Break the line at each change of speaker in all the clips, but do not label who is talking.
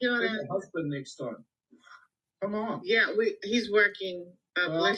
You know that? Husband next time. Come on. Yeah, we. He's working. Uh, Well-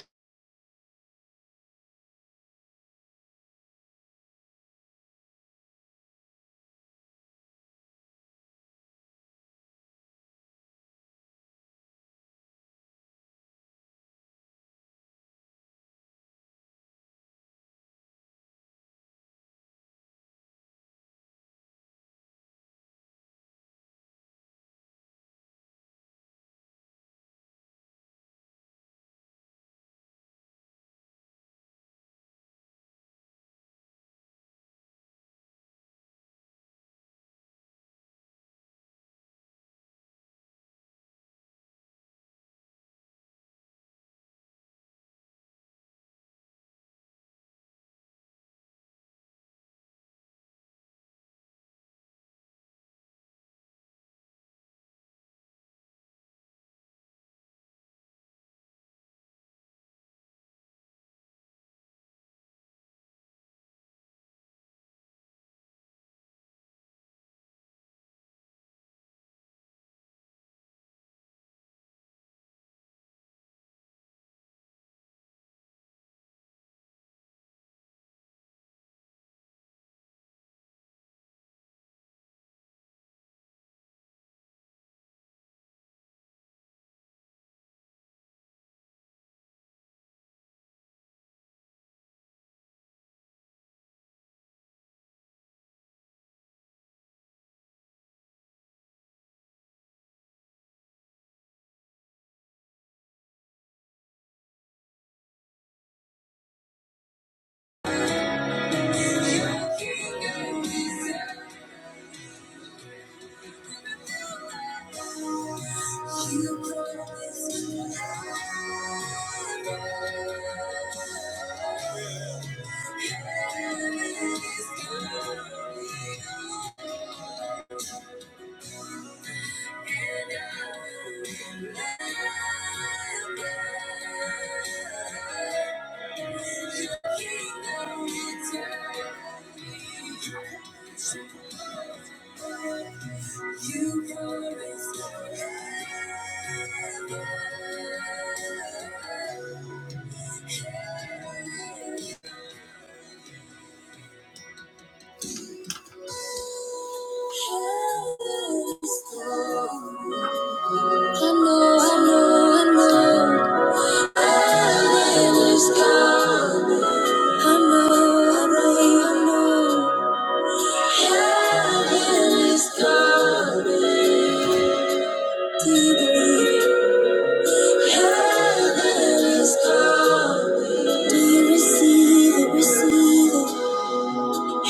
You I know, I know, I know. Heaven is coming. I know, I know, I know. Heaven is coming. Do you believe it? Heaven is coming. Do you receive it? Receive it.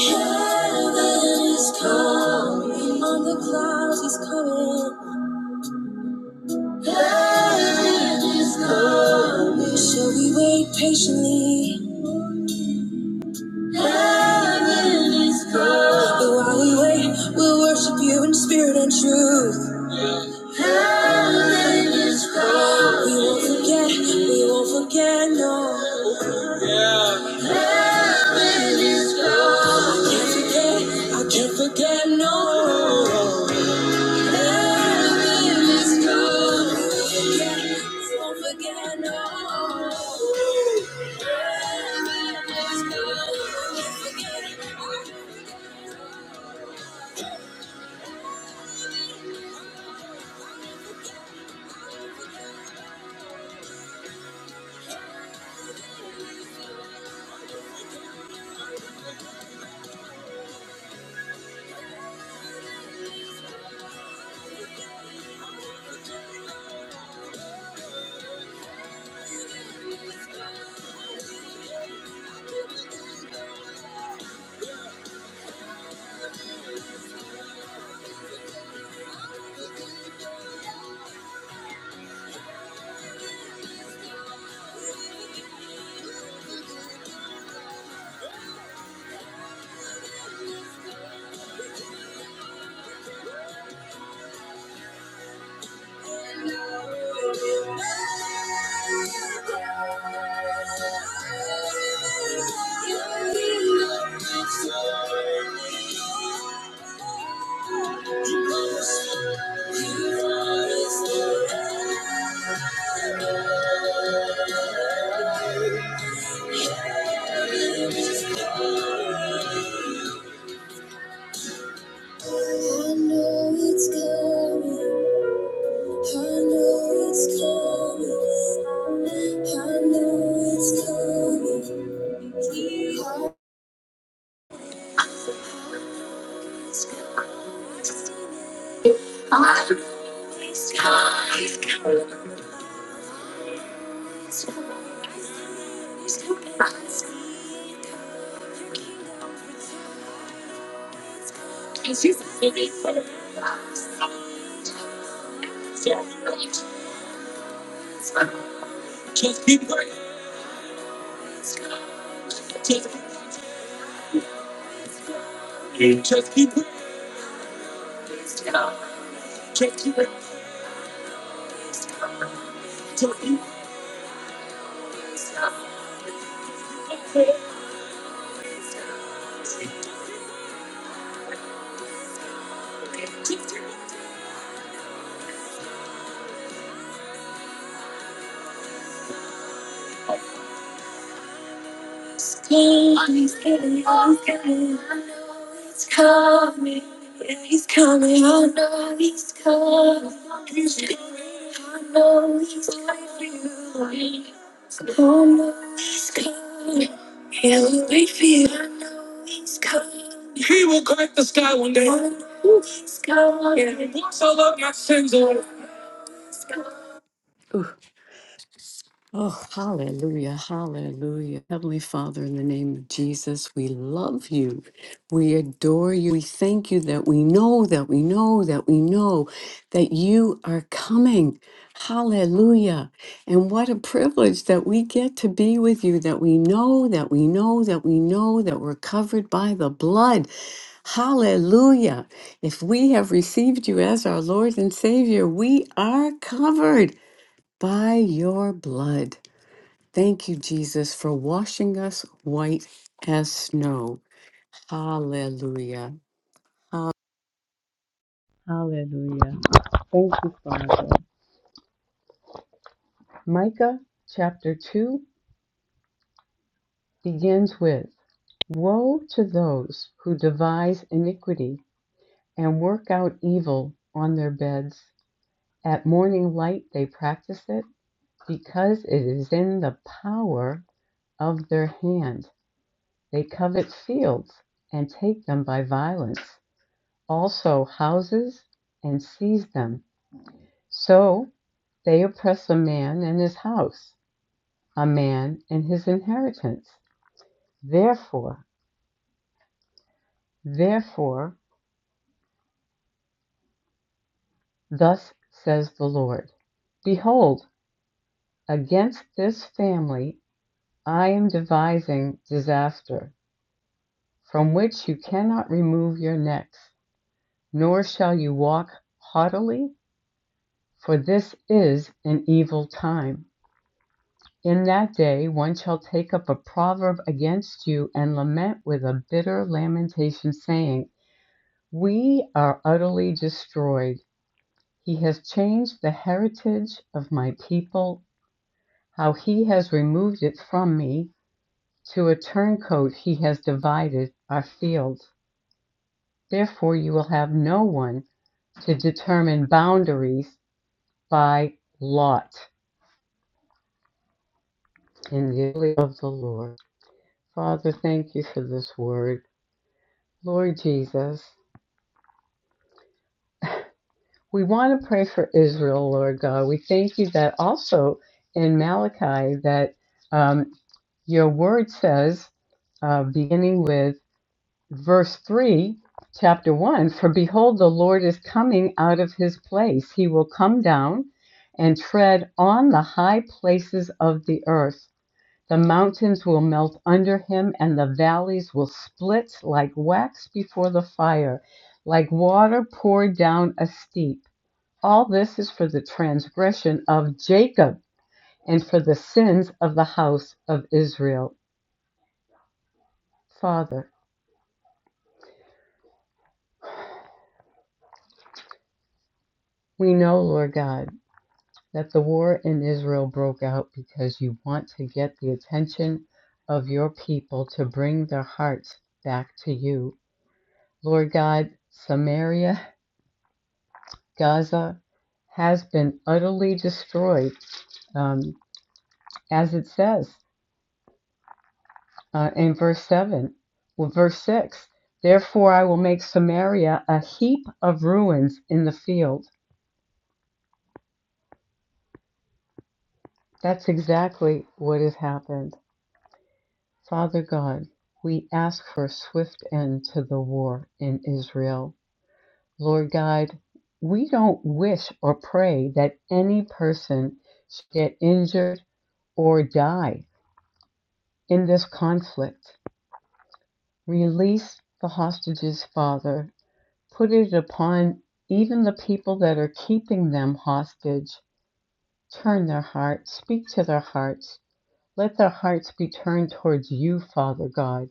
Heaven is coming. On the clouds, he's coming. Heaven is coming. Shall we wait patiently? Heaven is cold. But while we wait, we'll worship you in spirit and truth. Heaven is cold. We won't forget, we won't forget, no. Heaven is cold. I can't forget, I can't forget, no. Heaven is cold. We won't forget, we won't forget, no. Heaven is cold. I can't forget. I I know it's coming. I know it's coming. I know it's coming. Keep on. It's coming. I see it. It's coming. I see it. It's coming. I see it coming. Your kingdom protect. It's Just living for the future. Just keep going. Just keep Just keep going. Just keep going. Just keep going. Just keep going. Just keep going. Just keep going. Just keep going. Just keep going. He's coming, he's coming. I know he's coming. Yeah, he's coming. I know he's coming. He's coming. I know he's coming. I know he's coming. He'll wait for you. I know he's coming. He will crack the sky one day. I know he's coming. Yeah, he walks all of my sins away. Ooh, Oh, hallelujah, hallelujah. Heavenly Father, in the name of Jesus, we love you. We adore you. We thank you that we know, that we know, that we know that you are coming. Hallelujah. And what a privilege that we get to be with you, that we know, that we know, that we know that we're covered by the blood. Hallelujah. If we have received you as our Lord and Savior, we are covered by your blood. Thank you, Jesus, for washing us white as snow. Hallelujah. Hallelujah. Thank you, Father. Micah chapter 2 begins with Woe to those who devise iniquity and work out evil on their beds. At morning light they practice it because it is in the power of their hand. They covet fields and take them by violence. also houses and seized them. So they oppress a man and his house, a man and his inheritance. Therefore, therefore, thus says the Lord Behold, against this family I am devising disaster, from which you cannot remove your necks, nor shall you walk haughtily, for this is an evil time. In that day one shall take up a proverb against you and lament with a bitter lamentation, saying, We are utterly destroyed. He has changed the heritage of my people. How he has removed it from me. To a turncoat he has divided our fields. Therefore you will have no one to determine boundaries by lot in the day of the Lord. Father, thank you for this word. Lord Jesus, We want to pray for Israel, Lord God. We thank you that also in Malachi that um, your word says, uh, beginning with verse 3, chapter 1, for behold, the Lord is coming out of his place. He will come down and tread on the high places of the earth. The mountains will melt under him, and the valleys will split like wax before the fire, like water poured down a steep. All this is for the transgression of Jacob and for the sins of the house of Israel. Father, we know, Lord God, that the war in Israel broke out because you want to get the attention of your people to bring their hearts back to you. Lord God, Samaria, Gaza has been utterly destroyed, um, as it says. uh, in verse 7, well, verse 6. Therefore, I will make Samaria a heap of ruins in the field. That's exactly what has happened. Father God, we ask for a swift end to the war in Israel. Lord God, we don't wish or pray that any person should get injured or die in this conflict. Release the hostages, Father, Put it upon even the people that are keeping them hostage. Turn their hearts, speak to their hearts. Let their hearts be turned towards you, Father God,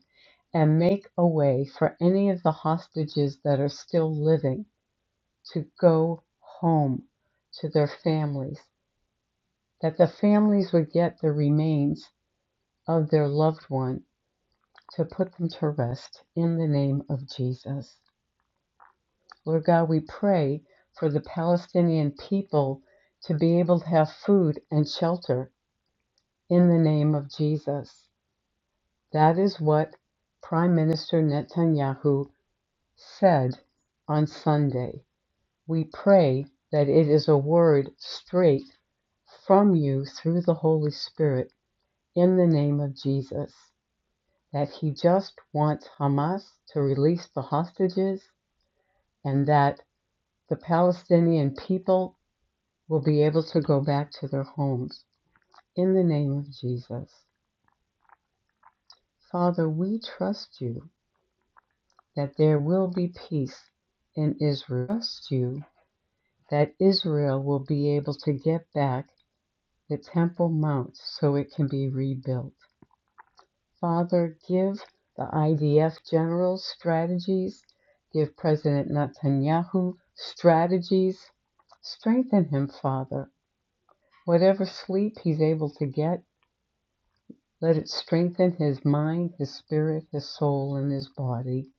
and make a way for any of the hostages that are still living to go home to their families, that the families would get the remains of their loved one to put them to rest in the name of Jesus. Lord God, we pray for the Palestinian people to be able to have food and shelter in the name of Jesus. That is what Prime Minister Netanyahu said on Sunday. We pray that it is a word straight from you through the Holy Spirit in the name of Jesus. That he just wants Hamas to release the hostages and that the Palestinian people will be able to go back to their homes in the name of Jesus. Father, we trust you that there will be peace in Israel. Trust you that Israel will be able to get back the Temple Mount so it can be rebuilt. Father, give the IDF generals strategies, give President Netanyahu strategies. Strengthen him, Father. Whatever sleep he's able to get, Let it strengthen his mind, his spirit, his soul, and his body.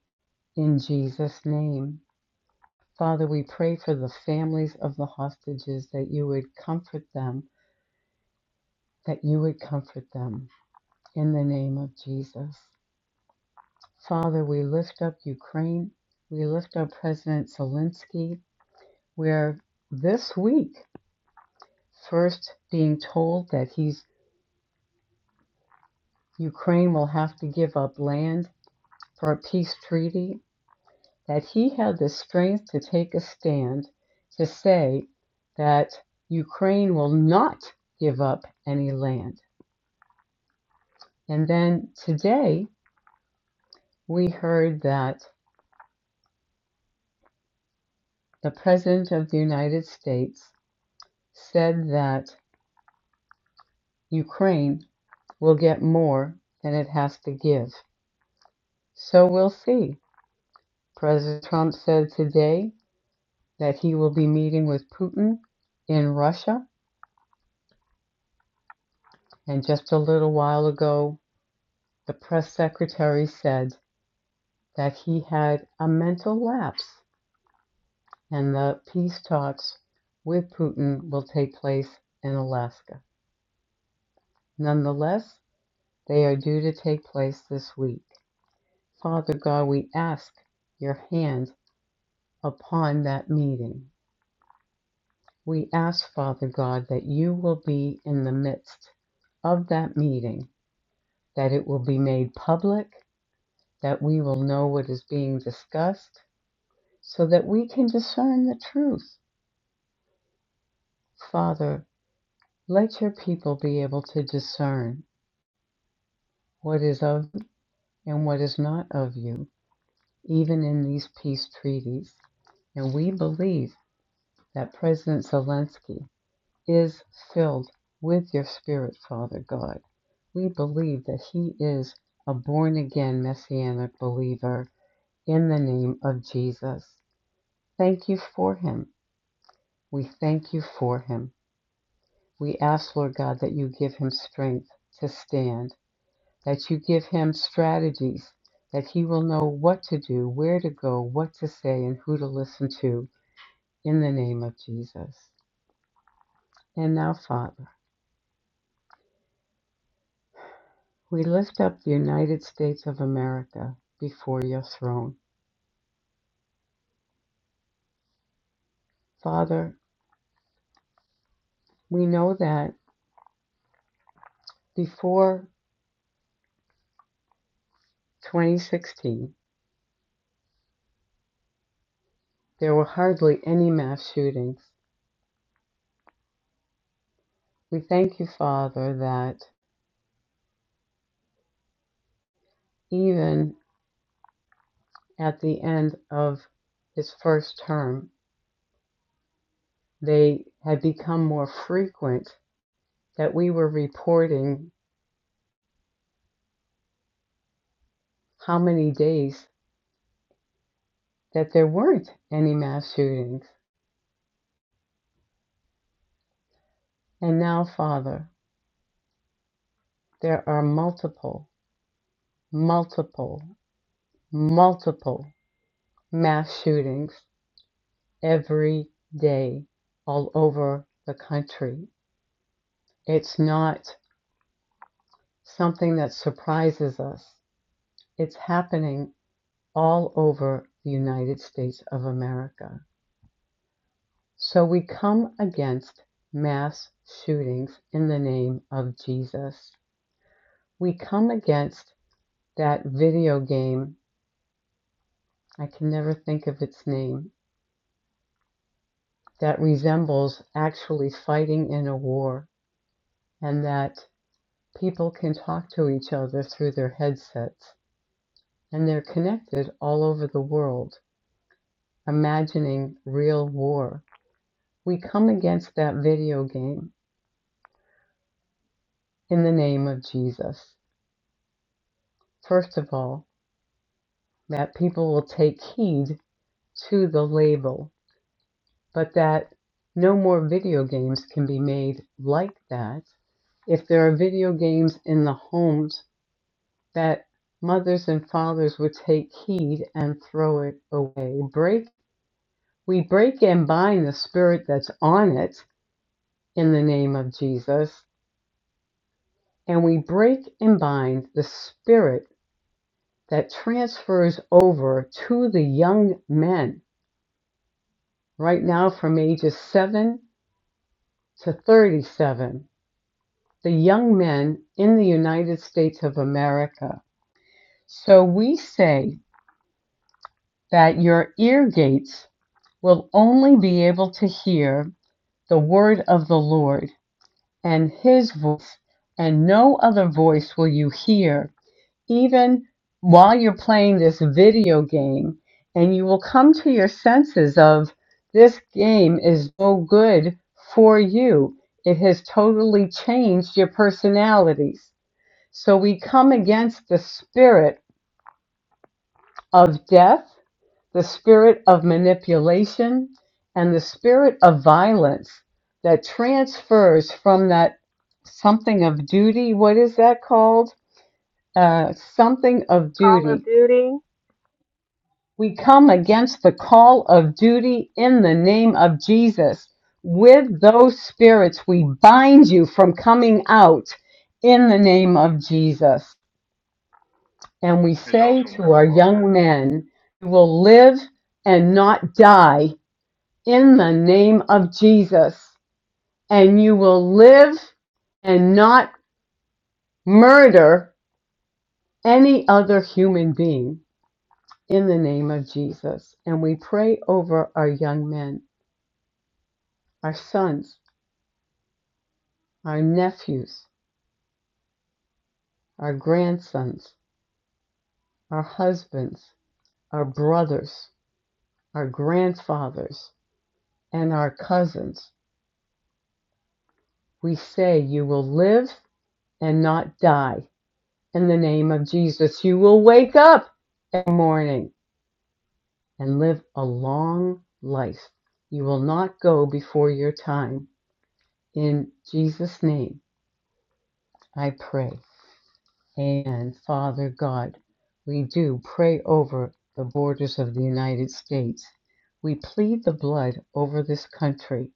In Jesus' name. Father, we pray for the families of the hostages that you would comfort them, that you would comfort them in the name of Jesus. Father, we lift up Ukraine. We lift up President Zelensky. We're this week first being told that he's Ukraine will have to give up land for a peace treaty that he had the strength to take a stand to say that Ukraine will not give up any land. And then today we heard that the President of the United States said that Ukraine will get more than it has to give. So we'll see. President Trump said today that he will be meeting with Putin in Russia. And just a little while ago, the press secretary said that he had a mental lapse, and the peace talks with Putin will take place in Alaska. Nonetheless, they are due to take place this week. Father God, we ask your hand upon that meeting. We ask, Father God, that you will be in the midst of that meeting, that it will be made public, that we will know what is being discussed, so that we can discern the truth. Father, Let your people be able to discern what is of you and what is not of you, even in these peace treaties. And we believe that President Zelensky is filled with your spirit, Father God. We believe that he is a born again messianic believer in the name of Jesus. Thank you for him. We thank you for him. We ask, Lord God, that you give him strength to stand. that you give him strategies, that he will know what to do, where to go, what to say, and who to listen to in the name of Jesus. And now, Father, we lift up the United States of America before your throne. Father, we know that before 2016, there were hardly any mass shootings. We thank you, Father, that even at the end of his first term, they had become more frequent that we were reporting how many days that there weren't any mass shootings. And now, Father, there are multiple, multiple, multiple mass shootings every day all over the country. It's not something that surprises us, it's happening all over the United States of America. So we come against mass shootings in the name of Jesus. We come against that video game, I can never think of its name, that resembles actually fighting in a war, and that people can talk to each other through their headsets, and they're connected all over the world, imagining real war. We come against that video game in the name of Jesus. First of all, that people will take heed to the label, but that no more video games can be made like that. If there are video games in the homes, that mothers and fathers would take heed and throw it away. Break we break and bind the spirit that's on it in the name of Jesus, and we break and bind the spirit that transfers over to the young men right now from ages 7 to 37, the young men in the United States of America. So we say that your ear gates will only be able to hear the word of the Lord and his voice, and no other voice will you hear, even while you're playing this video game. And you will come to your senses of this game is no good for you. It has totally changed your personalities So we come against the spirit of death, the spirit of manipulation, and the spirit of violence that transfers from that something of duty. What is that called? Uh, something of
Call of
duty.
Duty.
We come against the call of duty in the name of Jesus. With those spirits, we bind you from coming out in the name of Jesus. And we
There's
say
also
to
Medal
our
of Honor.
young men, you will live and not die in the name of Jesus. And you will live and not murder any other human being in the name of Jesus. And we pray over our young men, our sons, our nephews, our grandsons, our husbands, our brothers, our grandfathers, and our cousins. We say, You will live and not die. In the name of Jesus, you will wake up in the morning and live a long life. You will not go before your time. In Jesus' name, I pray. And Father God, we do pray over the borders of the United States. We plead the blood over this country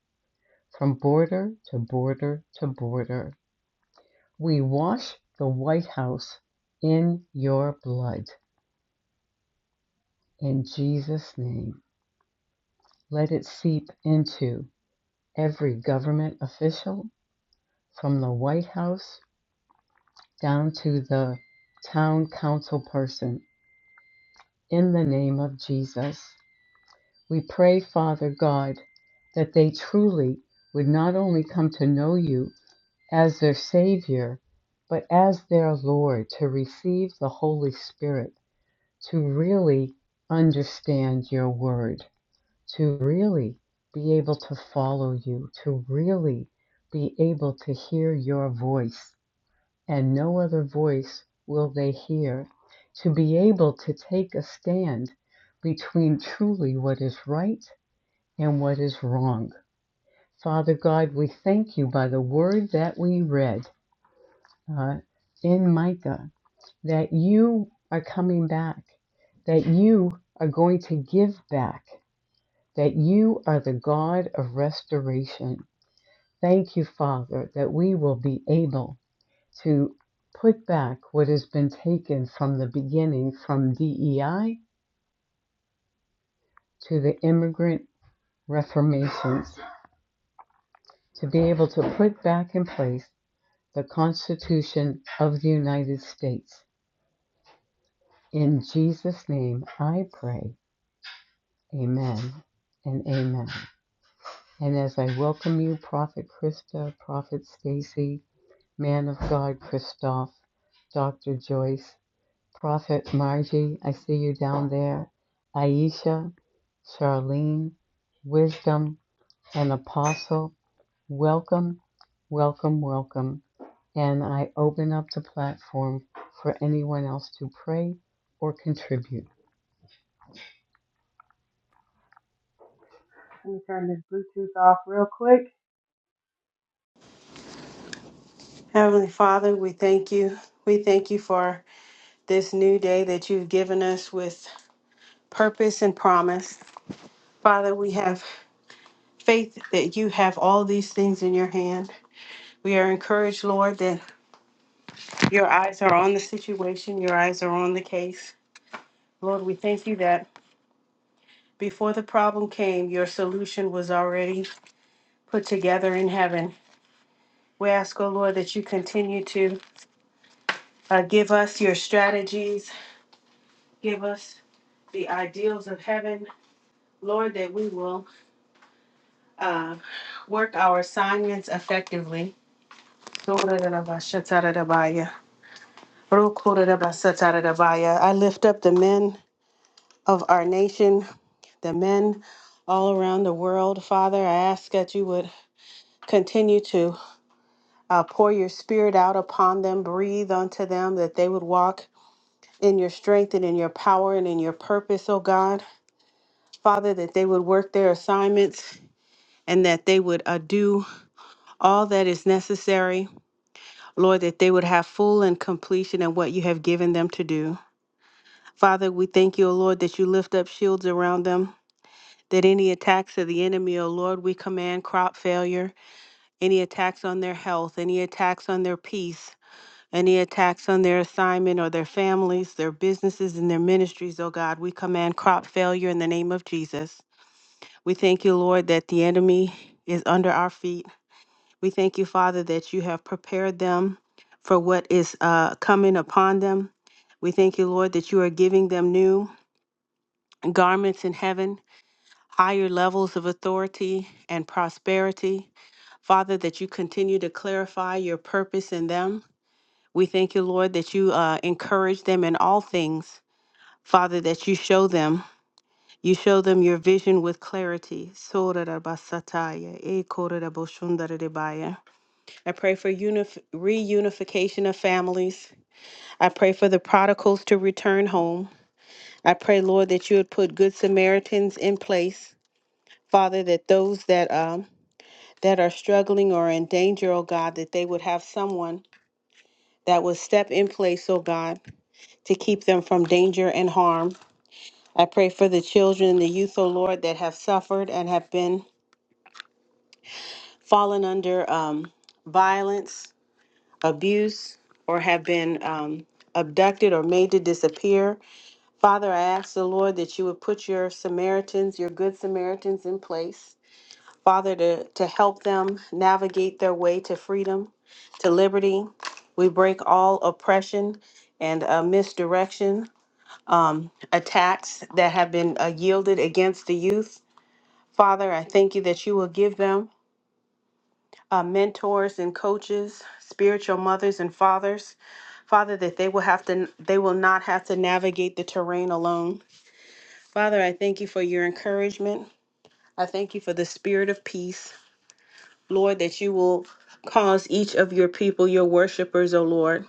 from border to border to border. We wash the White House in your blood. in Jesus' name. Let it seep into every government official from the White House down to the town council person in the name of Jesus. We pray, Father God, that they truly would not only come to know you as their Savior, but as their Lord, to receive the Holy Spirit, to really understand your word to really be able to follow you, to really be able to hear your voice, and no other voice will they hear, to be able to take a stand between truly what is right and what is wrong. Father God, we thank you by the word that we read uh, in Micah that you are coming back, that you are going to give back that you are the God of restoration. Thank you, Father, that we will be able to put back what has been taken from the beginning, from DEI to the immigrant reformations, to be able to put back in place the Constitution of the United States. In Jesus' name I pray. Amen and amen. And as I welcome you, Prophet Krista, Prophet Stacy, man of God, Christoph, Dr. Joyce, Prophet Margie, I see you down there, Aisha, Charlene, Wisdom, and Apostle. Welcome, welcome, welcome. And I open up the platform for anyone else to pray or contribute.
Let me turn this Bluetooth off real quick. Heavenly Father, we thank you. We thank you for this new day that you've given us with purpose and promise. Father, we have faith that you have all these things in your hand. We are encouraged, Lord, that your eyes are on the situation, your eyes are on the case. Lord, we thank you that before the problem came, your solution was already put together in heaven. We ask, O Lord, that you continue to Uh, give us your strategies. Give us the ideals of heaven. Lord, that we will uh, work our assignments effectively. I lift up the men of our nation, the men all around the world. Father, I ask that you would continue to uh, pour your spirit out upon them, breathe unto them, that they would walk in your strength and in your power and in your purpose, oh God. Father, that they would work their assignments and that they would uh, do all that is necessary. Lord, that they would have full and completion in what you have given them to do. Father, we thank you, O Lord, that you lift up shields around them. That any attacks of the enemy, O Lord, we command crop failure, any attacks on their health, any attacks on their peace, any attacks on their assignment or their families, their businesses, and their ministries, O God, we command crop failure in the name of Jesus. We thank you, Lord, that the enemy is under our feet. We thank you, Father, that you have prepared them for what is uh, coming upon them. We thank you, Lord, that you are giving them new garments in heaven, higher levels of authority and prosperity. Father, that you continue to clarify your purpose in them. We thank you, Lord, that you uh, encourage them in all things. Father, that you show them You show them your vision with clarity. Sorarabasataya, ekoraraboshundaradebaya. I pray for unif- reunification of families. I pray for the prodigals to return home. I pray, Lord, that you would put good Samaritans in place. Father, that those that um, that are struggling or in danger, oh God, that they would have someone that would step in place, oh God, to keep them from danger and harm. I pray for the children, and the youth, oh Lord, that have suffered and have been fallen under um, violence, abuse, or have been um, abducted or made to disappear. Father, I ask the Lord that you would put your Samaritans, your good Samaritans in place, Father, to, to help them navigate their way to freedom, to liberty. We break all oppression and uh, misdirection, um, attacks that have been uh, yielded against the youth. Father, I thank you that you will give them. uh, mentors and coaches, spiritual mothers and fathers. Father, that they will have to, they will not have to navigate the terrain alone. Father, I thank you for your encouragement. I thank you for the spirit of peace, Lord, that you will cause each of your people, your worshipers, O Lord,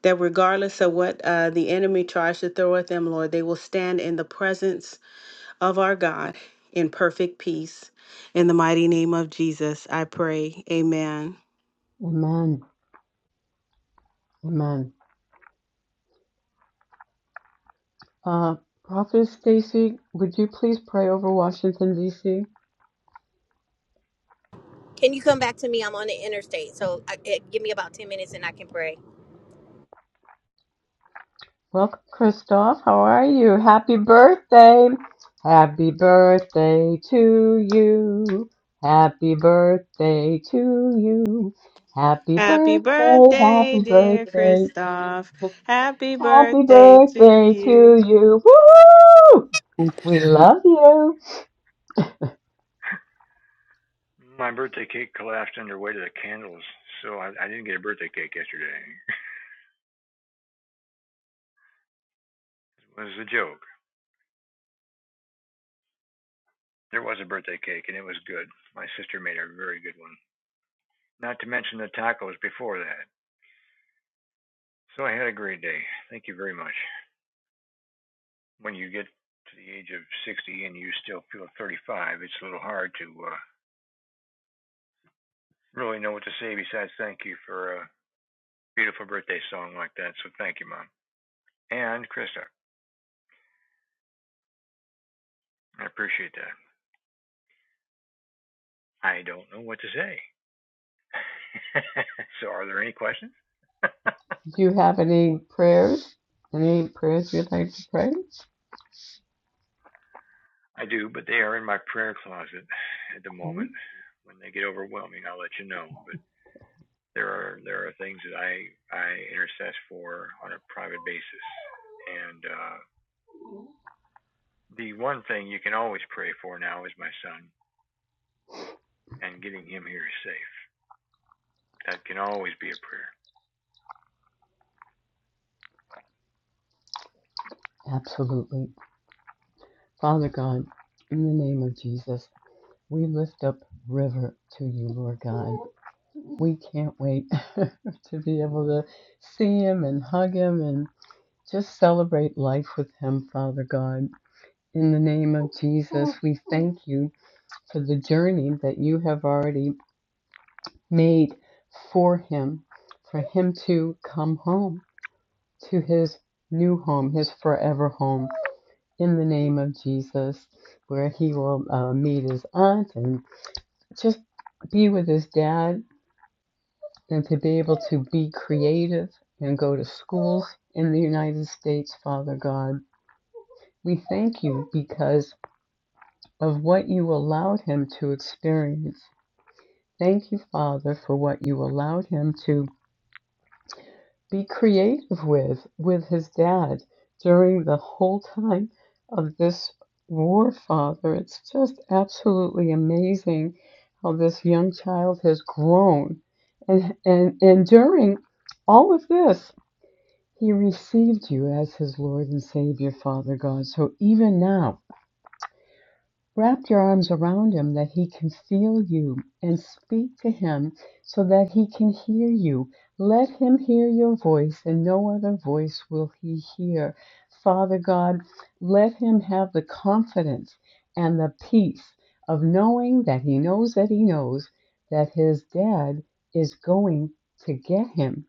that regardless of what uh, the enemy tries to throw at them, Lord, they will stand in the presence of our God in perfect peace. In the mighty name of Jesus, I pray. Amen.
Amen. Amen. Uh, Prophet Stacy, would you please pray over Washington, D.C.?
Can you come back to me? I'm on the interstate, so I, it, give me about 10 minutes and I can pray.
Welcome, Christoph. How are you? Happy birthday. Happy birthday to you. Happy birthday to you. Happy
Happy
birthday,
birthday,
happy
dear
birthday.
Christoph. Happy
Happy
birthday to
birthday
you.
to you. Woo! We love you.
My birthday cake collapsed under weight of the candles, so I, I didn't get a birthday cake yesterday. it was a joke. There was a birthday cake, and it was good. My sister made a very good one. Not to mention the tacos before that. So I had a great day. Thank you very much. When you get to the age of 60 and you still feel 35, it's a little hard to uh, really know what to say besides thank you for a beautiful birthday song like that. So thank you, Mom. And Krista, I appreciate that. I don't know what to say. so, are there any questions?
Do you have any prayers? Any prayers you'd like to pray?
I do, but they are in my prayer closet at the
Okay.
moment. When they get overwhelming, I'll let you know. But there are there are things that I I intercess for on a private basis, and uh, the one thing you can always pray for now is my son and getting him here safe. That can always be a prayer.
Absolutely. Father God, in the name of Jesus, we lift up River to you, Lord God. We can't wait to be able to see him and hug him and just celebrate life with him, Father God. In the name of Jesus, we thank you for the journey that you have already made for him, for him to come home to his new home, his forever home. In the name of Jesus, where he will uh, meet his aunt and just be with his dad and to be able to be creative and go to schools in the United States, Father God. We thank you because of what you allowed him to experience Thank you, Father, for what you allowed him to be creative with, with his dad during the whole time of this war, Father. It's just absolutely amazing how this young child has grown. And, and, and during all of this, he received you as his Lord and Savior, Father God. So even now, Wrap your arms around him that he can feel you and speak to him so that he can hear you. Let him hear your voice and no other voice will he hear. Father God, let him have the confidence and the peace of knowing that he knows that he knows that his dad is going to get him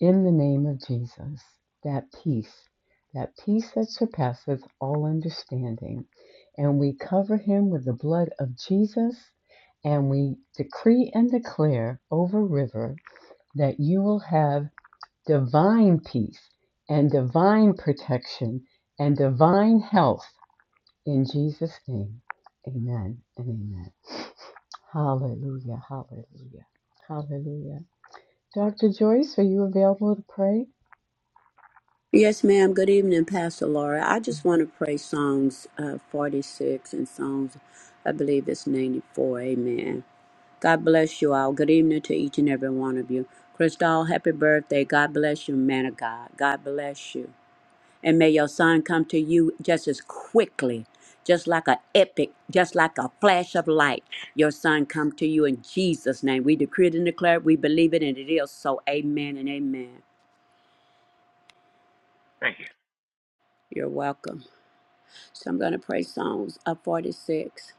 in the name of Jesus, that peace, that peace that surpasses all understanding. And we cover him with the blood of Jesus, and we decree and declare over River that you will have divine peace and divine protection and divine health in Jesus' name. Amen and amen. Hallelujah, hallelujah, hallelujah. Dr. Joyce, are you available to pray?
Yes, ma'am. Good evening, Pastor Laura. I just want to pray Psalms uh, 46 and Psalms, I believe it's 94. Amen. God bless you all. Good evening to each and every one of you. Crystal, happy birthday. God bless you, man of God. God bless you. And may your son come to you just as quickly, just like a epic, just like a flash of light. Your son come to you in Jesus' name. We decree it and declare it. We believe it, and it is so. Amen and amen.
Thank you.
You're welcome. So I'm going to pray Psalms uh, 46.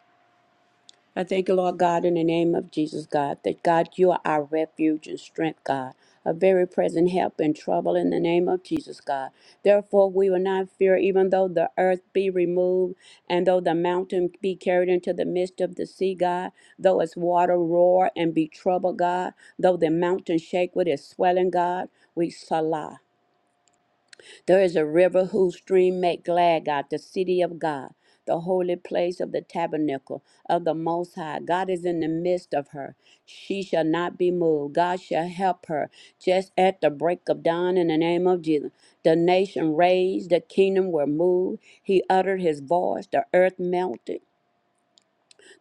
I thank you, Lord God, in the name of Jesus, God, that God, you are our refuge and strength, God, a very present help in trouble in the name of Jesus, God. Therefore, we will not fear, even though the earth be removed, and though the mountain be carried into the midst of the sea, God, though its water roar and be troubled, God, though the mountain shake with its swelling, God, we salah. There is a river whose stream make glad God, the city of God, the holy place of the tabernacle of the Most High. God is in the midst of her. She shall not be moved. God shall help her just at the break of dawn in the name of Jesus. The nation raised, the kingdom were moved. He uttered his voice, the earth melted.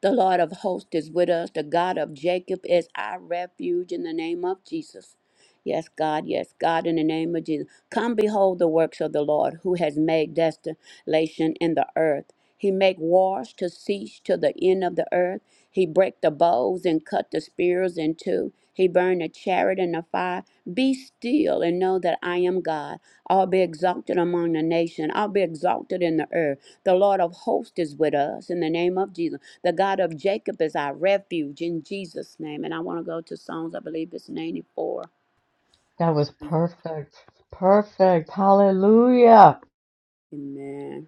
The Lord of hosts is with us. The God of Jacob is our refuge in the name of Jesus. Yes, God, yes, God, in the name of Jesus. Come behold the works of the Lord who has made desolation in the earth. He make wars to cease to the end of the earth. He break the bows and cut the spears in two. He burned the chariot in the fire. Be still and know that I am God. I'll be exalted among the nation. I'll be exalted in the earth. The Lord of hosts is with us in the name of Jesus. The God of Jacob is our refuge in Jesus' name. And I want to go to Psalms, I believe it's 94.
That was perfect. Perfect. Hallelujah.
Amen.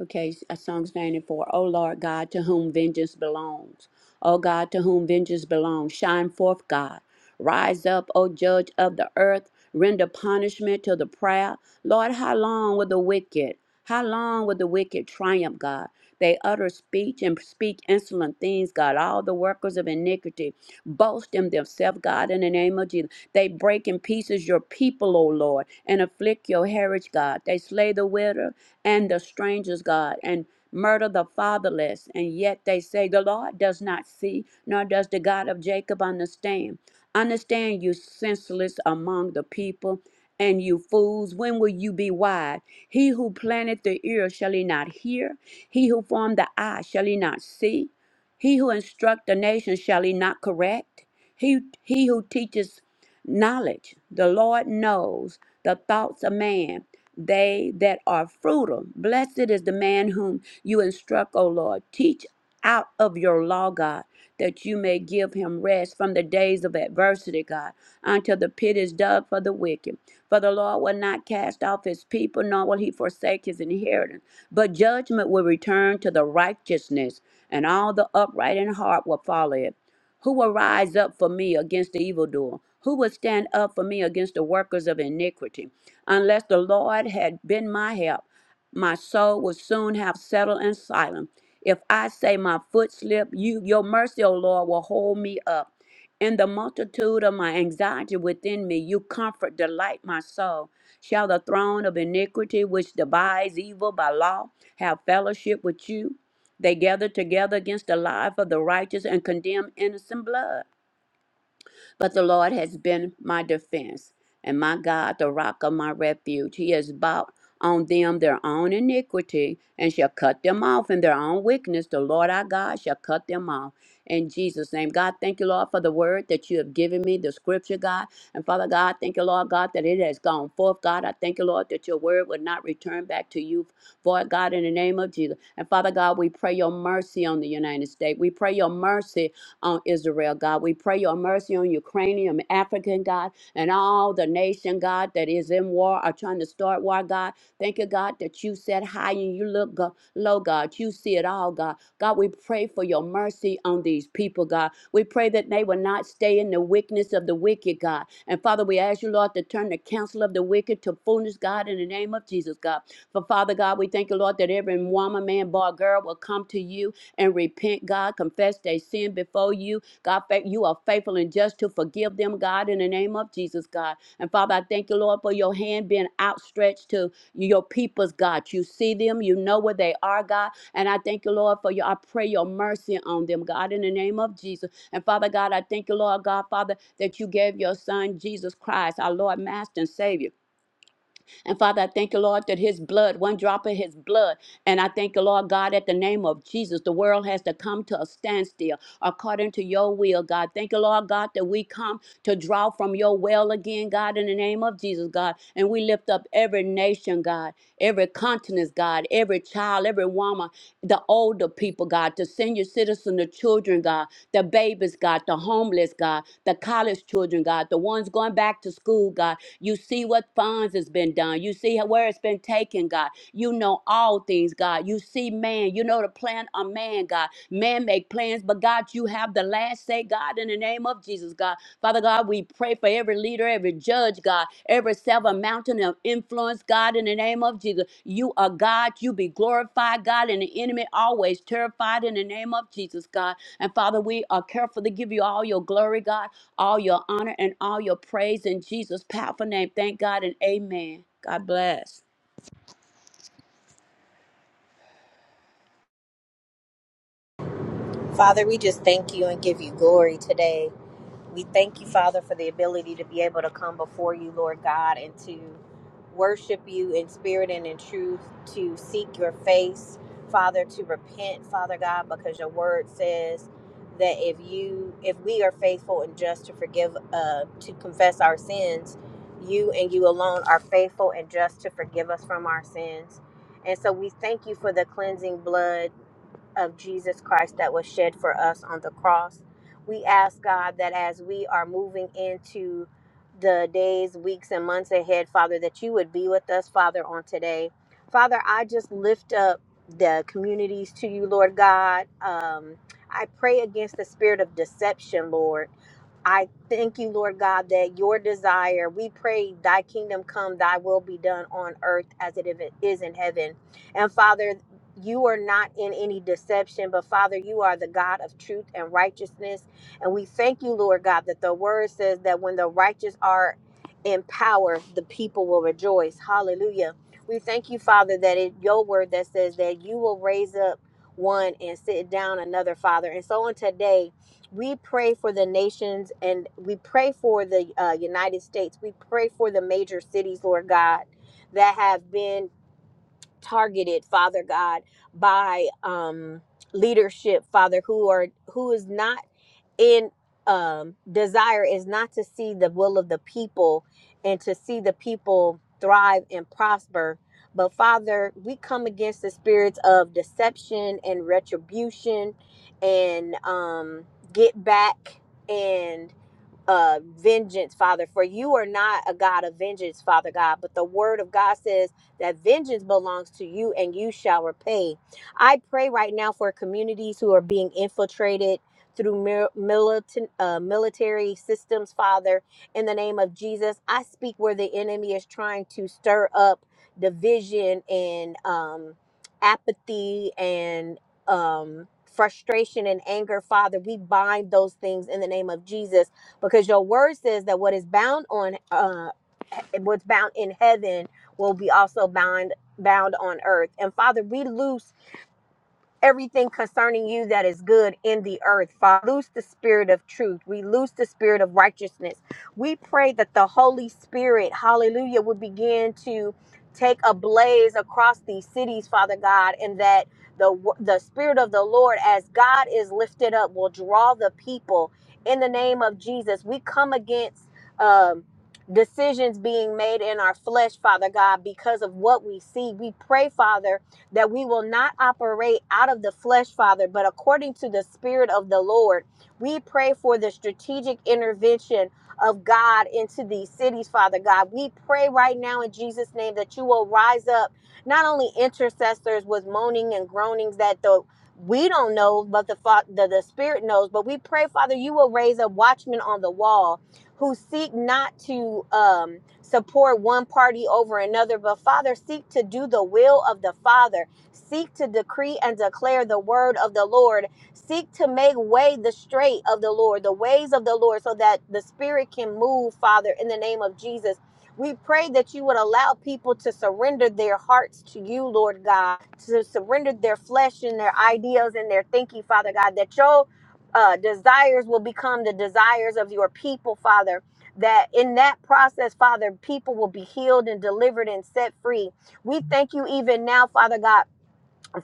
Okay, uh, Psalms 94. O Lord God, to whom vengeance belongs. O God, to whom vengeance belongs. Shine forth, God. Rise up, O judge of the earth. Render punishment to the proud. Lord, how long will the wicked, how long will the wicked triumph, God? They utter speech and speak insolent things, God. All the workers of iniquity boast in themselves, God, in the name of Jesus. They break in pieces your people, O Lord, and afflict your heritage, God. They slay the widow and the strangers, God, and murder the fatherless. And yet they say, The Lord does not see, nor does the God of Jacob understand. Understand, you senseless among the people. And you fools, when will you be wise? He who planted the ear, shall he not hear? He who formed the eye, shall he not see? He who instruct the nation, shall he not correct? He, he who teaches knowledge, the Lord knows the thoughts of man, they that are fruitful. Blessed is the man whom you instruct, O Lord. Teach out of your law, God, that you may give him rest from the days of adversity, God, until the pit is dug for the wicked. For the Lord will not cast off his people, nor will he forsake his inheritance. But judgment will return to the righteousness, and all the upright in heart will follow it. Who will rise up for me against the evildoer? Who will stand up for me against the workers of iniquity? Unless the Lord had been my help, my soul would soon have settled in silence. If I say my foot slip, you your mercy, O Lord, will hold me up. In the multitude of my anxiety within me, you comfort, delight my soul. Shall the throne of iniquity, which divides evil by law, have fellowship with you? They gather together against the life of the righteous and condemn innocent blood. But the Lord has been my defense and my God, the rock of my refuge. He has bought on them their own iniquity and shall cut them off in their own wickedness. The Lord our God shall cut them off. In Jesus' name, God, thank you, Lord, for the word that you have given me, the scripture, God. And Father God, thank you, Lord God, that it has gone forth, God. I thank you, Lord, that your word would not return back to you, for God, in the name of Jesus. And Father God, we pray your mercy on the United States. We pray your mercy on Israel, God. We pray your mercy on Ukrainian, African, God, and all the nation, God, that is in war or trying to start war, God. Thank you, God, that you set high and you look go- low, God. You see it all, God. God, we pray for your mercy on these people, God. We pray that they will not stay in the wickedness of the wicked, God. And Father, we ask you, Lord, to turn the counsel of the wicked to fullness, God, in the name of Jesus, God. For Father God, we thank you, Lord, that every woman, man, boy, girl will come to you and repent, God, confess their sin before you. God, fa- you are faithful and just to forgive them, God, in the name of Jesus, God. And Father, I thank you, Lord, for your hand being outstretched to your people's God. You see them, you know where they are, God. And I thank you, Lord, for your I pray your mercy on them, God, in the name of Jesus. And Father God, I thank you, Lord God, Father, that you gave your son Jesus Christ, our Lord, Master, and Savior. And Father, I thank you, Lord, that his blood, one drop of his blood, and I thank you, Lord God, at the name of Jesus, the world has to come to a standstill according to your will, God. Thank you, Lord God, that we come to draw from your well again, God, in the name of Jesus, God. And we lift up every nation, God, every continent, God, every child, every woman, the older people, God, the senior citizen, the children, God, the babies, God, the homeless, God, the college children, God, the ones going back to school, God. You see what funds has been done. You see where it's been taken, God. You know all things, God. You see man. You know the plan of man, God. Man make plans, but God, you have the last say, God, in the name of Jesus, God. Father God, we pray for every leader, every judge, God, every seven mountain of influence, God, in the name of Jesus. You are God. You be glorified, God, and the enemy always terrified in the name of Jesus, God. And Father, we are careful to give you all your glory, God, all your honor, and all your praise in Jesus' powerful name. Thank God and amen. God bless.
Father, we just thank you and give you glory today. We thank you, Father, for the ability to be able to come before you, Lord God, and to worship you in spirit and in truth, to seek your face, Father, to repent, Father God, because your word says that if you if we are faithful and just to forgive uh to confess our sins, you and you alone are faithful and just to forgive us from our sins. And so we thank you for the cleansing blood of Jesus Christ that was shed for us on the cross. We ask God that as we are moving into the days, weeks, and months ahead, Father, that you would be with us, Father, on today. Father, I just lift up the communities to you, Lord God. Um, I pray against the spirit of deception, Lord. I thank you, Lord God, that your desire, we pray, thy kingdom come, thy will be done on earth as it is in heaven. And Father, you are not in any deception, but Father, you are the God of truth and righteousness. And we thank you, Lord God, that the word says that when the righteous are in power, the people will rejoice. Hallelujah. We thank you, Father, that it your word that says that you will raise up one and sit down another, Father. And so on today, we pray for the nations and we pray for the uh, United States. We pray for the major cities, Lord God, that have been targeted father god by um leadership father who are who is not in um desire is not to see the will of the people and to see the people thrive and prosper but father we come against the spirits of deception and retribution and um get back and uh vengeance father for you are not a god of vengeance father god but the word of god says that vengeance belongs to you and you shall repay i pray right now for communities who are being infiltrated through mil- militant, uh, military systems father in the name of jesus i speak where the enemy is trying to stir up division and um apathy and um frustration and anger father we bind those things in the name of jesus because your word says that what is bound on uh what's bound in heaven will be also bound bound on earth and father we loose everything concerning you that is good in the earth. Father, loose the spirit of truth. We loose the spirit of righteousness. We pray that the Holy Spirit, hallelujah, would begin to take a blaze across these cities, Father God, and that the the spirit of the Lord as God is lifted up will draw the people in the name of Jesus. We come against um decisions being made in our flesh, Father God, because of what we see. We pray, Father, that we will not operate out of the flesh, Father, but according to the Spirit of the Lord. We pray for the strategic intervention of God into these cities, Father God. We pray right now in Jesus' name that you will rise up, not only intercessors with moaning and groanings that the we don't know, but the, the the Spirit knows. But we pray, Father, you will raise up watchmen on the wall who seek not to um, support one party over another, but Father, seek to do the will of the Father. Seek to decree and declare the word of the Lord. Seek to make way the straight of the Lord, the ways of the Lord, so that the Spirit can move, Father, in the name of Jesus. We pray that you would allow people to surrender their hearts to you, Lord God, to surrender their flesh and their ideas and their thinking, Father God, that your uh, desires will become the desires of your people, Father. That in that process, Father, people will be healed and delivered and set free. We thank you even now, Father God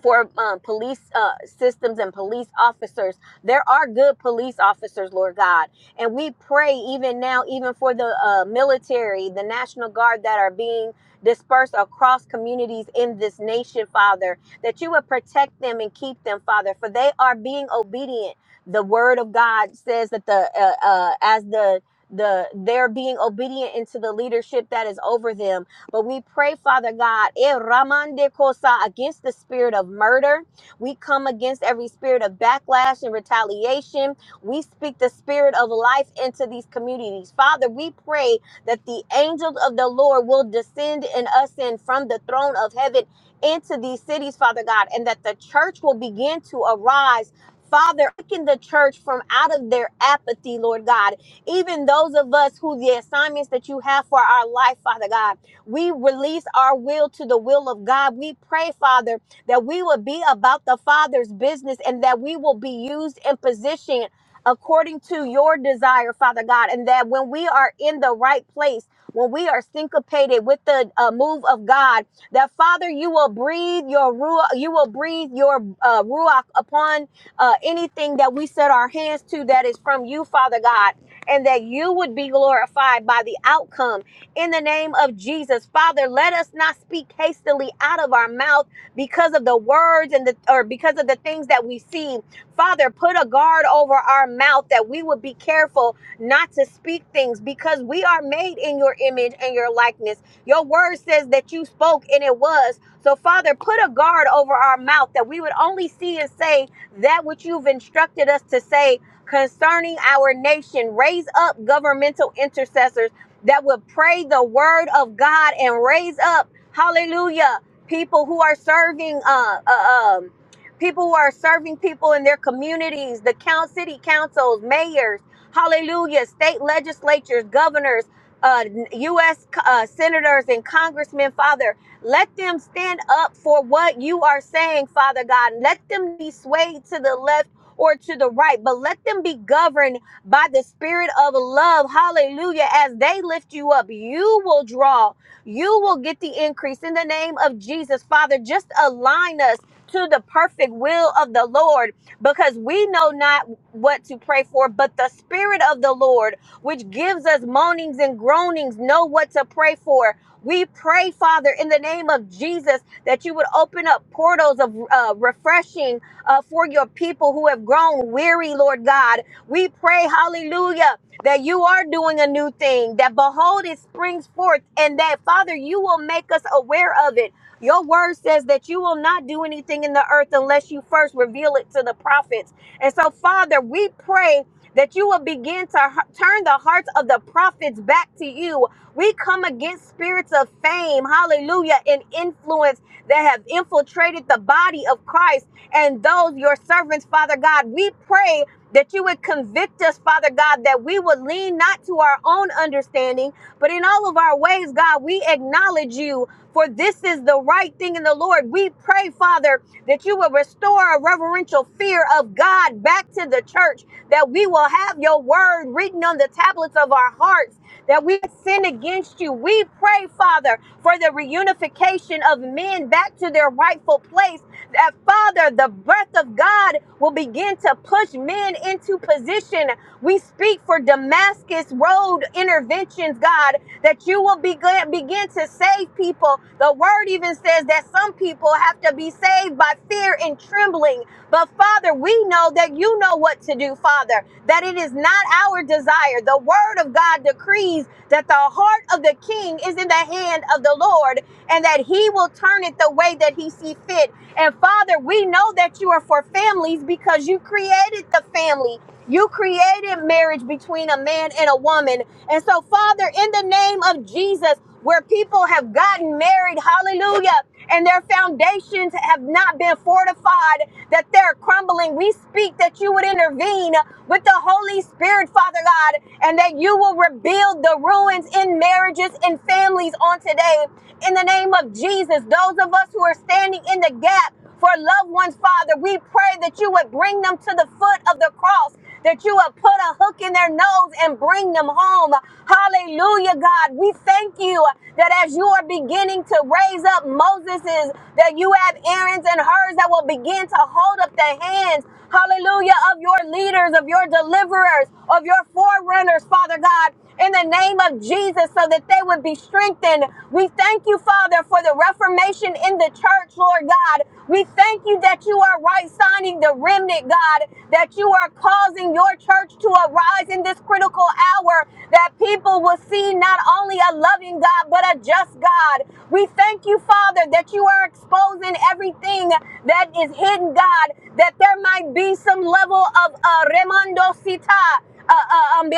for um, police uh, systems and police officers. There are good police officers, Lord God. And we pray even now, even for the uh, military, the National Guard that are being dispersed across communities in this nation, Father, that you would protect them and keep them, Father, for they are being obedient. The word of God says that the uh, uh, as the the they're being obedient into the leadership that is over them but we pray, Father God, eh, Ramande Kosa, against the spirit of murder. We come against every spirit of backlash and retaliation. We speak the spirit of life into these communities. Father, we pray that the angels of the Lord will descend and ascend from the throne of heaven into these cities, Father God, and that the church will begin to arise. Father, awaken the church from out of their apathy, Lord God. Even those of us who the assignments that you have for our life, Father God. We release our will to the will of God. We pray, Father, that we will be about the Father's business and that we will be used and positioned according to your desire, Father God, and that when we are in the right place, when we are syncopated with the uh, move of God, that Father, you will breathe your ruach, you will breathe your uh, ruach upon uh, anything that we set our hands to that is from you, Father God, and that you would be glorified by the outcome in the name of Jesus. Father, let us not speak hastily out of our mouth because of the words and the or because of the things that we see. Father, put a guard over our mouth that we would be careful not to speak things because we are made in your image and your likeness. Your word says that you spoke and it was. So, Father, put a guard over our mouth that we would only see and say that which you've instructed us to say concerning our nation. Raise up governmental intercessors that would pray the word of God and raise up, hallelujah, people who are serving, uh, uh, um, people who are serving people in their communities, the count, city councils, mayors, hallelujah, state legislatures, governors, uh, U.S. Uh, senators and congressmen, Father, let them stand up for what you are saying, Father God. Let them be swayed to the left or to the right, but let them be governed by the spirit of love. Hallelujah. As they lift you up, you will draw, you will get the increase in the name of Jesus. Father, just align us to the perfect will of the Lord because we know not what to pray for, but the spirit of the Lord, which gives us moanings and groanings, know what to pray for. We pray, Father, in the name of Jesus, that you would open up portals of uh, refreshing uh, for your people who have grown weary, Lord God we pray, hallelujah, that you are doing a new thing, that behold, it springs forth, and that, Father, you will make us aware of it. Your word says that you will not do anything in the earth unless you first reveal it to the prophets. And so, Father, we pray that you will begin to h- turn the hearts of the prophets back to you. We come against spirits of fame, hallelujah, and influence that have infiltrated the body of Christ and those your servants, Father God. We pray that you would convict us, Father God, that we would lean not to our own understanding, but in all of our ways, God, we acknowledge you, for this is the right thing in the Lord. We pray, Father, that you will restore a reverential fear of God back to the church, that we will have your word written on the tablets of our hearts that we sin against you. We pray, Father, for the reunification of men back to their rightful place. That, Father, the breath of God will begin to push men into position. We speak for Damascus Road interventions, God, that you will begin, begin to save people. The word even says that some people have to be saved by fear and trembling. But Father, we know that you know what to do, Father, that it is not our desire. The word of God. God decrees that the heart of the king is in the hand of the Lord and that he will turn it the way that he see fit. And Father, we know that you are for families because you created the family. You created marriage between a man and a woman. And so, Father, in the name of Jesus, where people have gotten married, hallelujah, and their foundations have not been fortified, that they're crumbling. We speak that you would intervene with the Holy Spirit, Father God, and that you will rebuild the ruins in marriages and families on today. In the name of Jesus, those of us who are standing in the gap, for loved ones, Father. We pray that you would bring them to the foot of the cross, that you would put a hook in their nose and bring them home. Hallelujah, God. We thank you that as you are beginning to raise up Moses's, that you have Aaron's and hers that will begin to hold up the hands. Hallelujah, of your leaders, of your deliverers, of your forerunners, Father God in the name of Jesus so that they would be strengthened. We thank you, Father, for the reformation even in the church, Lord God. We thank you that you are right signing the remnant, God, that you are causing your church to arise in this critical hour, that people will see not only a loving God, but a just God. We thank you, Father, that you are exposing everything that is hidden, God, that there might be some level of uh, remando uh, uh, um,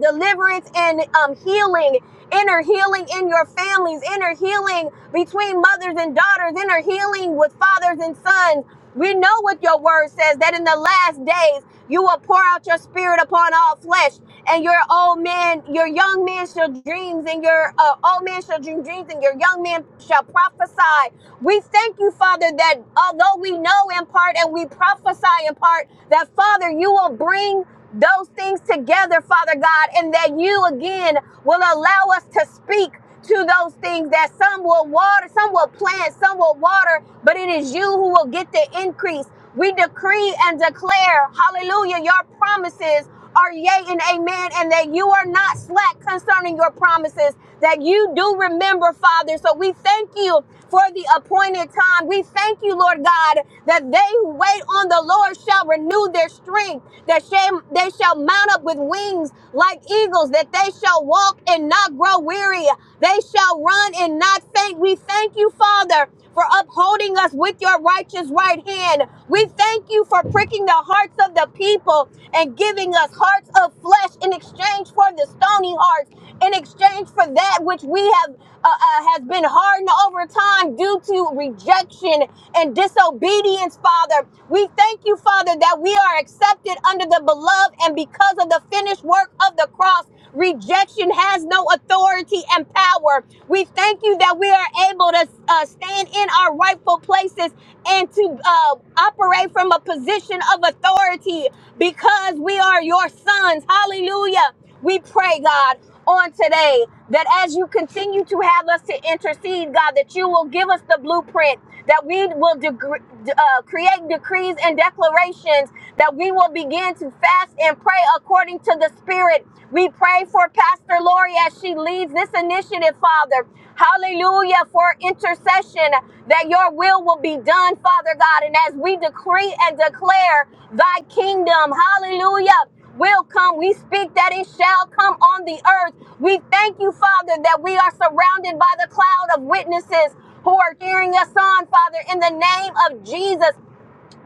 deliverance and um, healing, inner healing in your families, inner healing between mothers and daughters, inner healing with fathers and sons. We know what your word says that in the last days you will pour out your spirit upon all flesh and your old man, your young man shall dreams, and your uh, old man shall dream dreams, and your young man shall prophesy. We thank you, Father, that although we know in part and we prophesy in part, that Father, you will bring those things together, Father God, and that you again will allow us to speak to those things that some will water, some will plant, some will water, but it is you who will get the increase. We decree and declare, hallelujah, your promises are yea and amen, and that you are not slack concerning your promises, that you do remember, Father. So we thank you for the appointed time. We thank you, Lord God, that they who wait on the Lord shall renew their strength, that shall- they shall mount up with wings like eagles, that they they shall walk and not grow weary. They shall run and not faint. We thank you, Father, for upholding us with your righteous right hand. We thank you for pricking the hearts of the people and giving us hearts of flesh in exchange for the stony hearts, in exchange for that which we have uh, uh, has been hardened over time due to rejection and disobedience, Father. We thank you, Father, that we are accepted under the beloved, and because because of the finished work of the cross, rejection has no authority and power. We thank you that we are able to uh, stand in our rightful places and to uh, operate from a position of authority because we are your sons. Hallelujah. We pray, God, on today that as you continue to have us to intercede, God, that you will give us the blueprint, that we will degre- uh, create decrees and declarations, that we will begin to fast and pray according to the Spirit. We pray for Pastor Lori as she leads this initiative, Father. Hallelujah for intercession that your will will be done, Father God. And as we decree and declare thy kingdom, hallelujah will come. We speak that it shall come on the earth. We thank you, Father, that we are surrounded by the cloud of witnesses who are cheering us on, Father, in the name of Jesus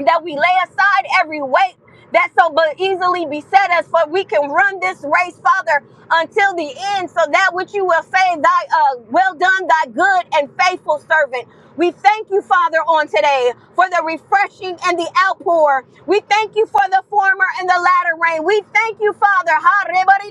that we lay aside every weight that so but easily beset us, for we can run this race, Father, until the end, so that which you will say, Thy uh, well done, thy good and faithful servant. We thank you, Father, on today for the refreshing and the outpour. We thank you for the former and the latter rain. We thank you, Father, ha, rebari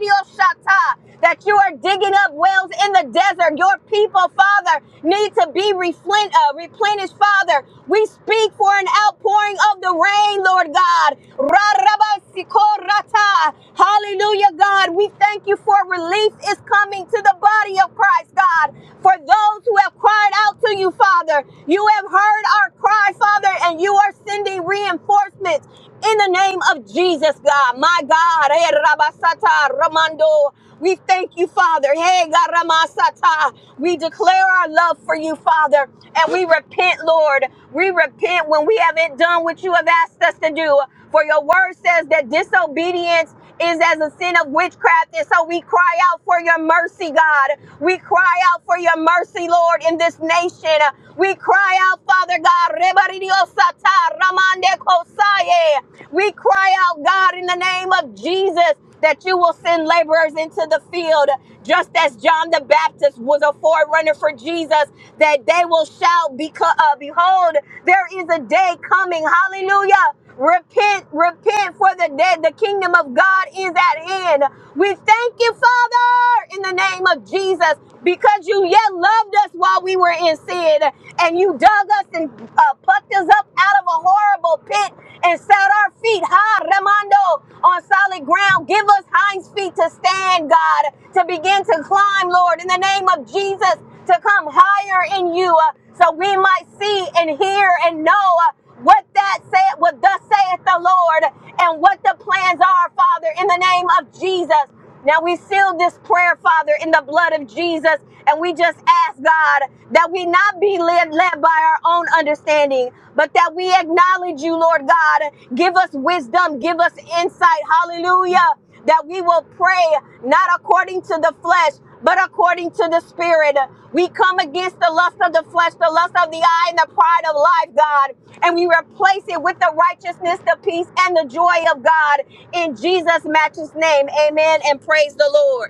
that you are digging up wells in the desert. Your people, Father, need to be be reflen- uh, replenished, Father. We speak for an outpouring of the rain, Lord God. Ra-ra-ba-si-ko-ra-ta. Hallelujah, God. We thank you for relief is coming to the body of Christ, God. For those who have cried out to you, Father, you have heard our cry, Father, and you are sending reinforcements in the name of Jesus, God. My God. Eh, Rabasata, Ramando. We thank you, Father. Hey, God, Ramasata. We declare our love for you, Father, and we repent, Lord. We repent when we haven't done what you have asked us to do. For your word says that disobedience is as a sin of witchcraft. And so we cry out for your mercy, God. We cry out for your mercy, Lord, in this nation. We cry out, Father God. Rebaridiosata, Ramande Kosaye. We cry out, God, in the name of Jesus that you will send laborers into the field, just as John the Baptist was a forerunner for Jesus, that they will shout, because, uh, Behold, there is a day coming. Hallelujah. Repent, repent for the dead. The kingdom of God is at hand. We thank you, Father, in the name of Jesus, because you yet loved us while we were in sin and you dug us and uh, plucked us up out of a horrible miry pit and set our feet high, Ramando, on solid ground. Give us hinds feet to stand, God, to begin to climb, Lord, in the name of Jesus, to come higher in you uh, so we might see and hear and know uh, what that said, what thus saith the Lord, and what the plans are, Father, in the name of Jesus. Now we seal this prayer, Father, in the blood of Jesus, and we just ask, God, that we not be led, led by our own understanding, but that we acknowledge you, Lord God. Give us wisdom, give us insight, hallelujah, that we will pray not according to the flesh, but according to the Spirit. We come against the lust of the flesh, the lust of the eye, and the pride of life, God, and we replace it with the righteousness, the peace, and the joy of God in Jesus' matchless name. Amen. And praise the Lord.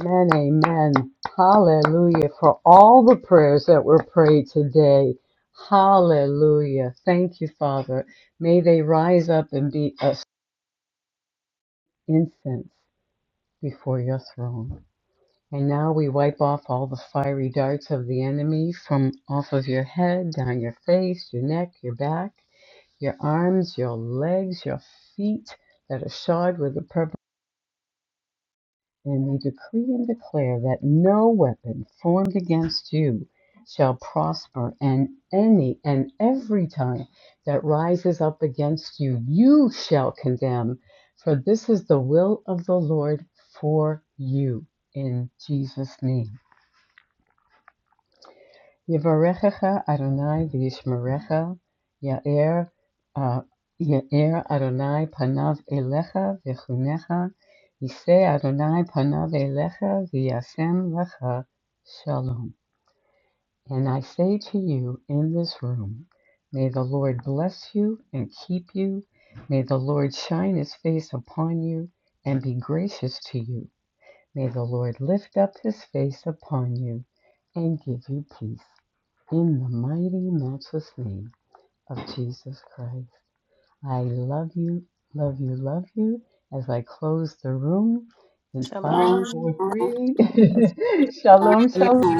Amen. Amen. Hallelujah. For all the prayers that were prayed today. Hallelujah. Thank you, Father. May they rise up and be us incense before your throne. And now we wipe off all the fiery darts of the enemy from off of your head, down your face, your neck, your back, your arms, your legs, your feet that are shod with the purple. And we decree and declare that no weapon formed against you shall prosper, and any and every time that rises up against you, you shall condemn. For this is the will of the Lord for you in Jesus' name. Yevarechecha Adonai v'yishmerecha. Ya'er, uh, Ya'er Adonai panav elecha v'chunecha. Yisei Adonai panav elecha v'yasem lecha shalom. And I say to you in this room, may the Lord bless you and keep you. May the Lord shine his face upon you and be gracious to you. May the Lord lift up his face upon you and give you peace. In the mighty, matchless name of Jesus Christ, I love you, love you, love you. As I close the room in five,
Shalom,
four,
Shalom.
shalom,
three, shalom, shalom.
shalom.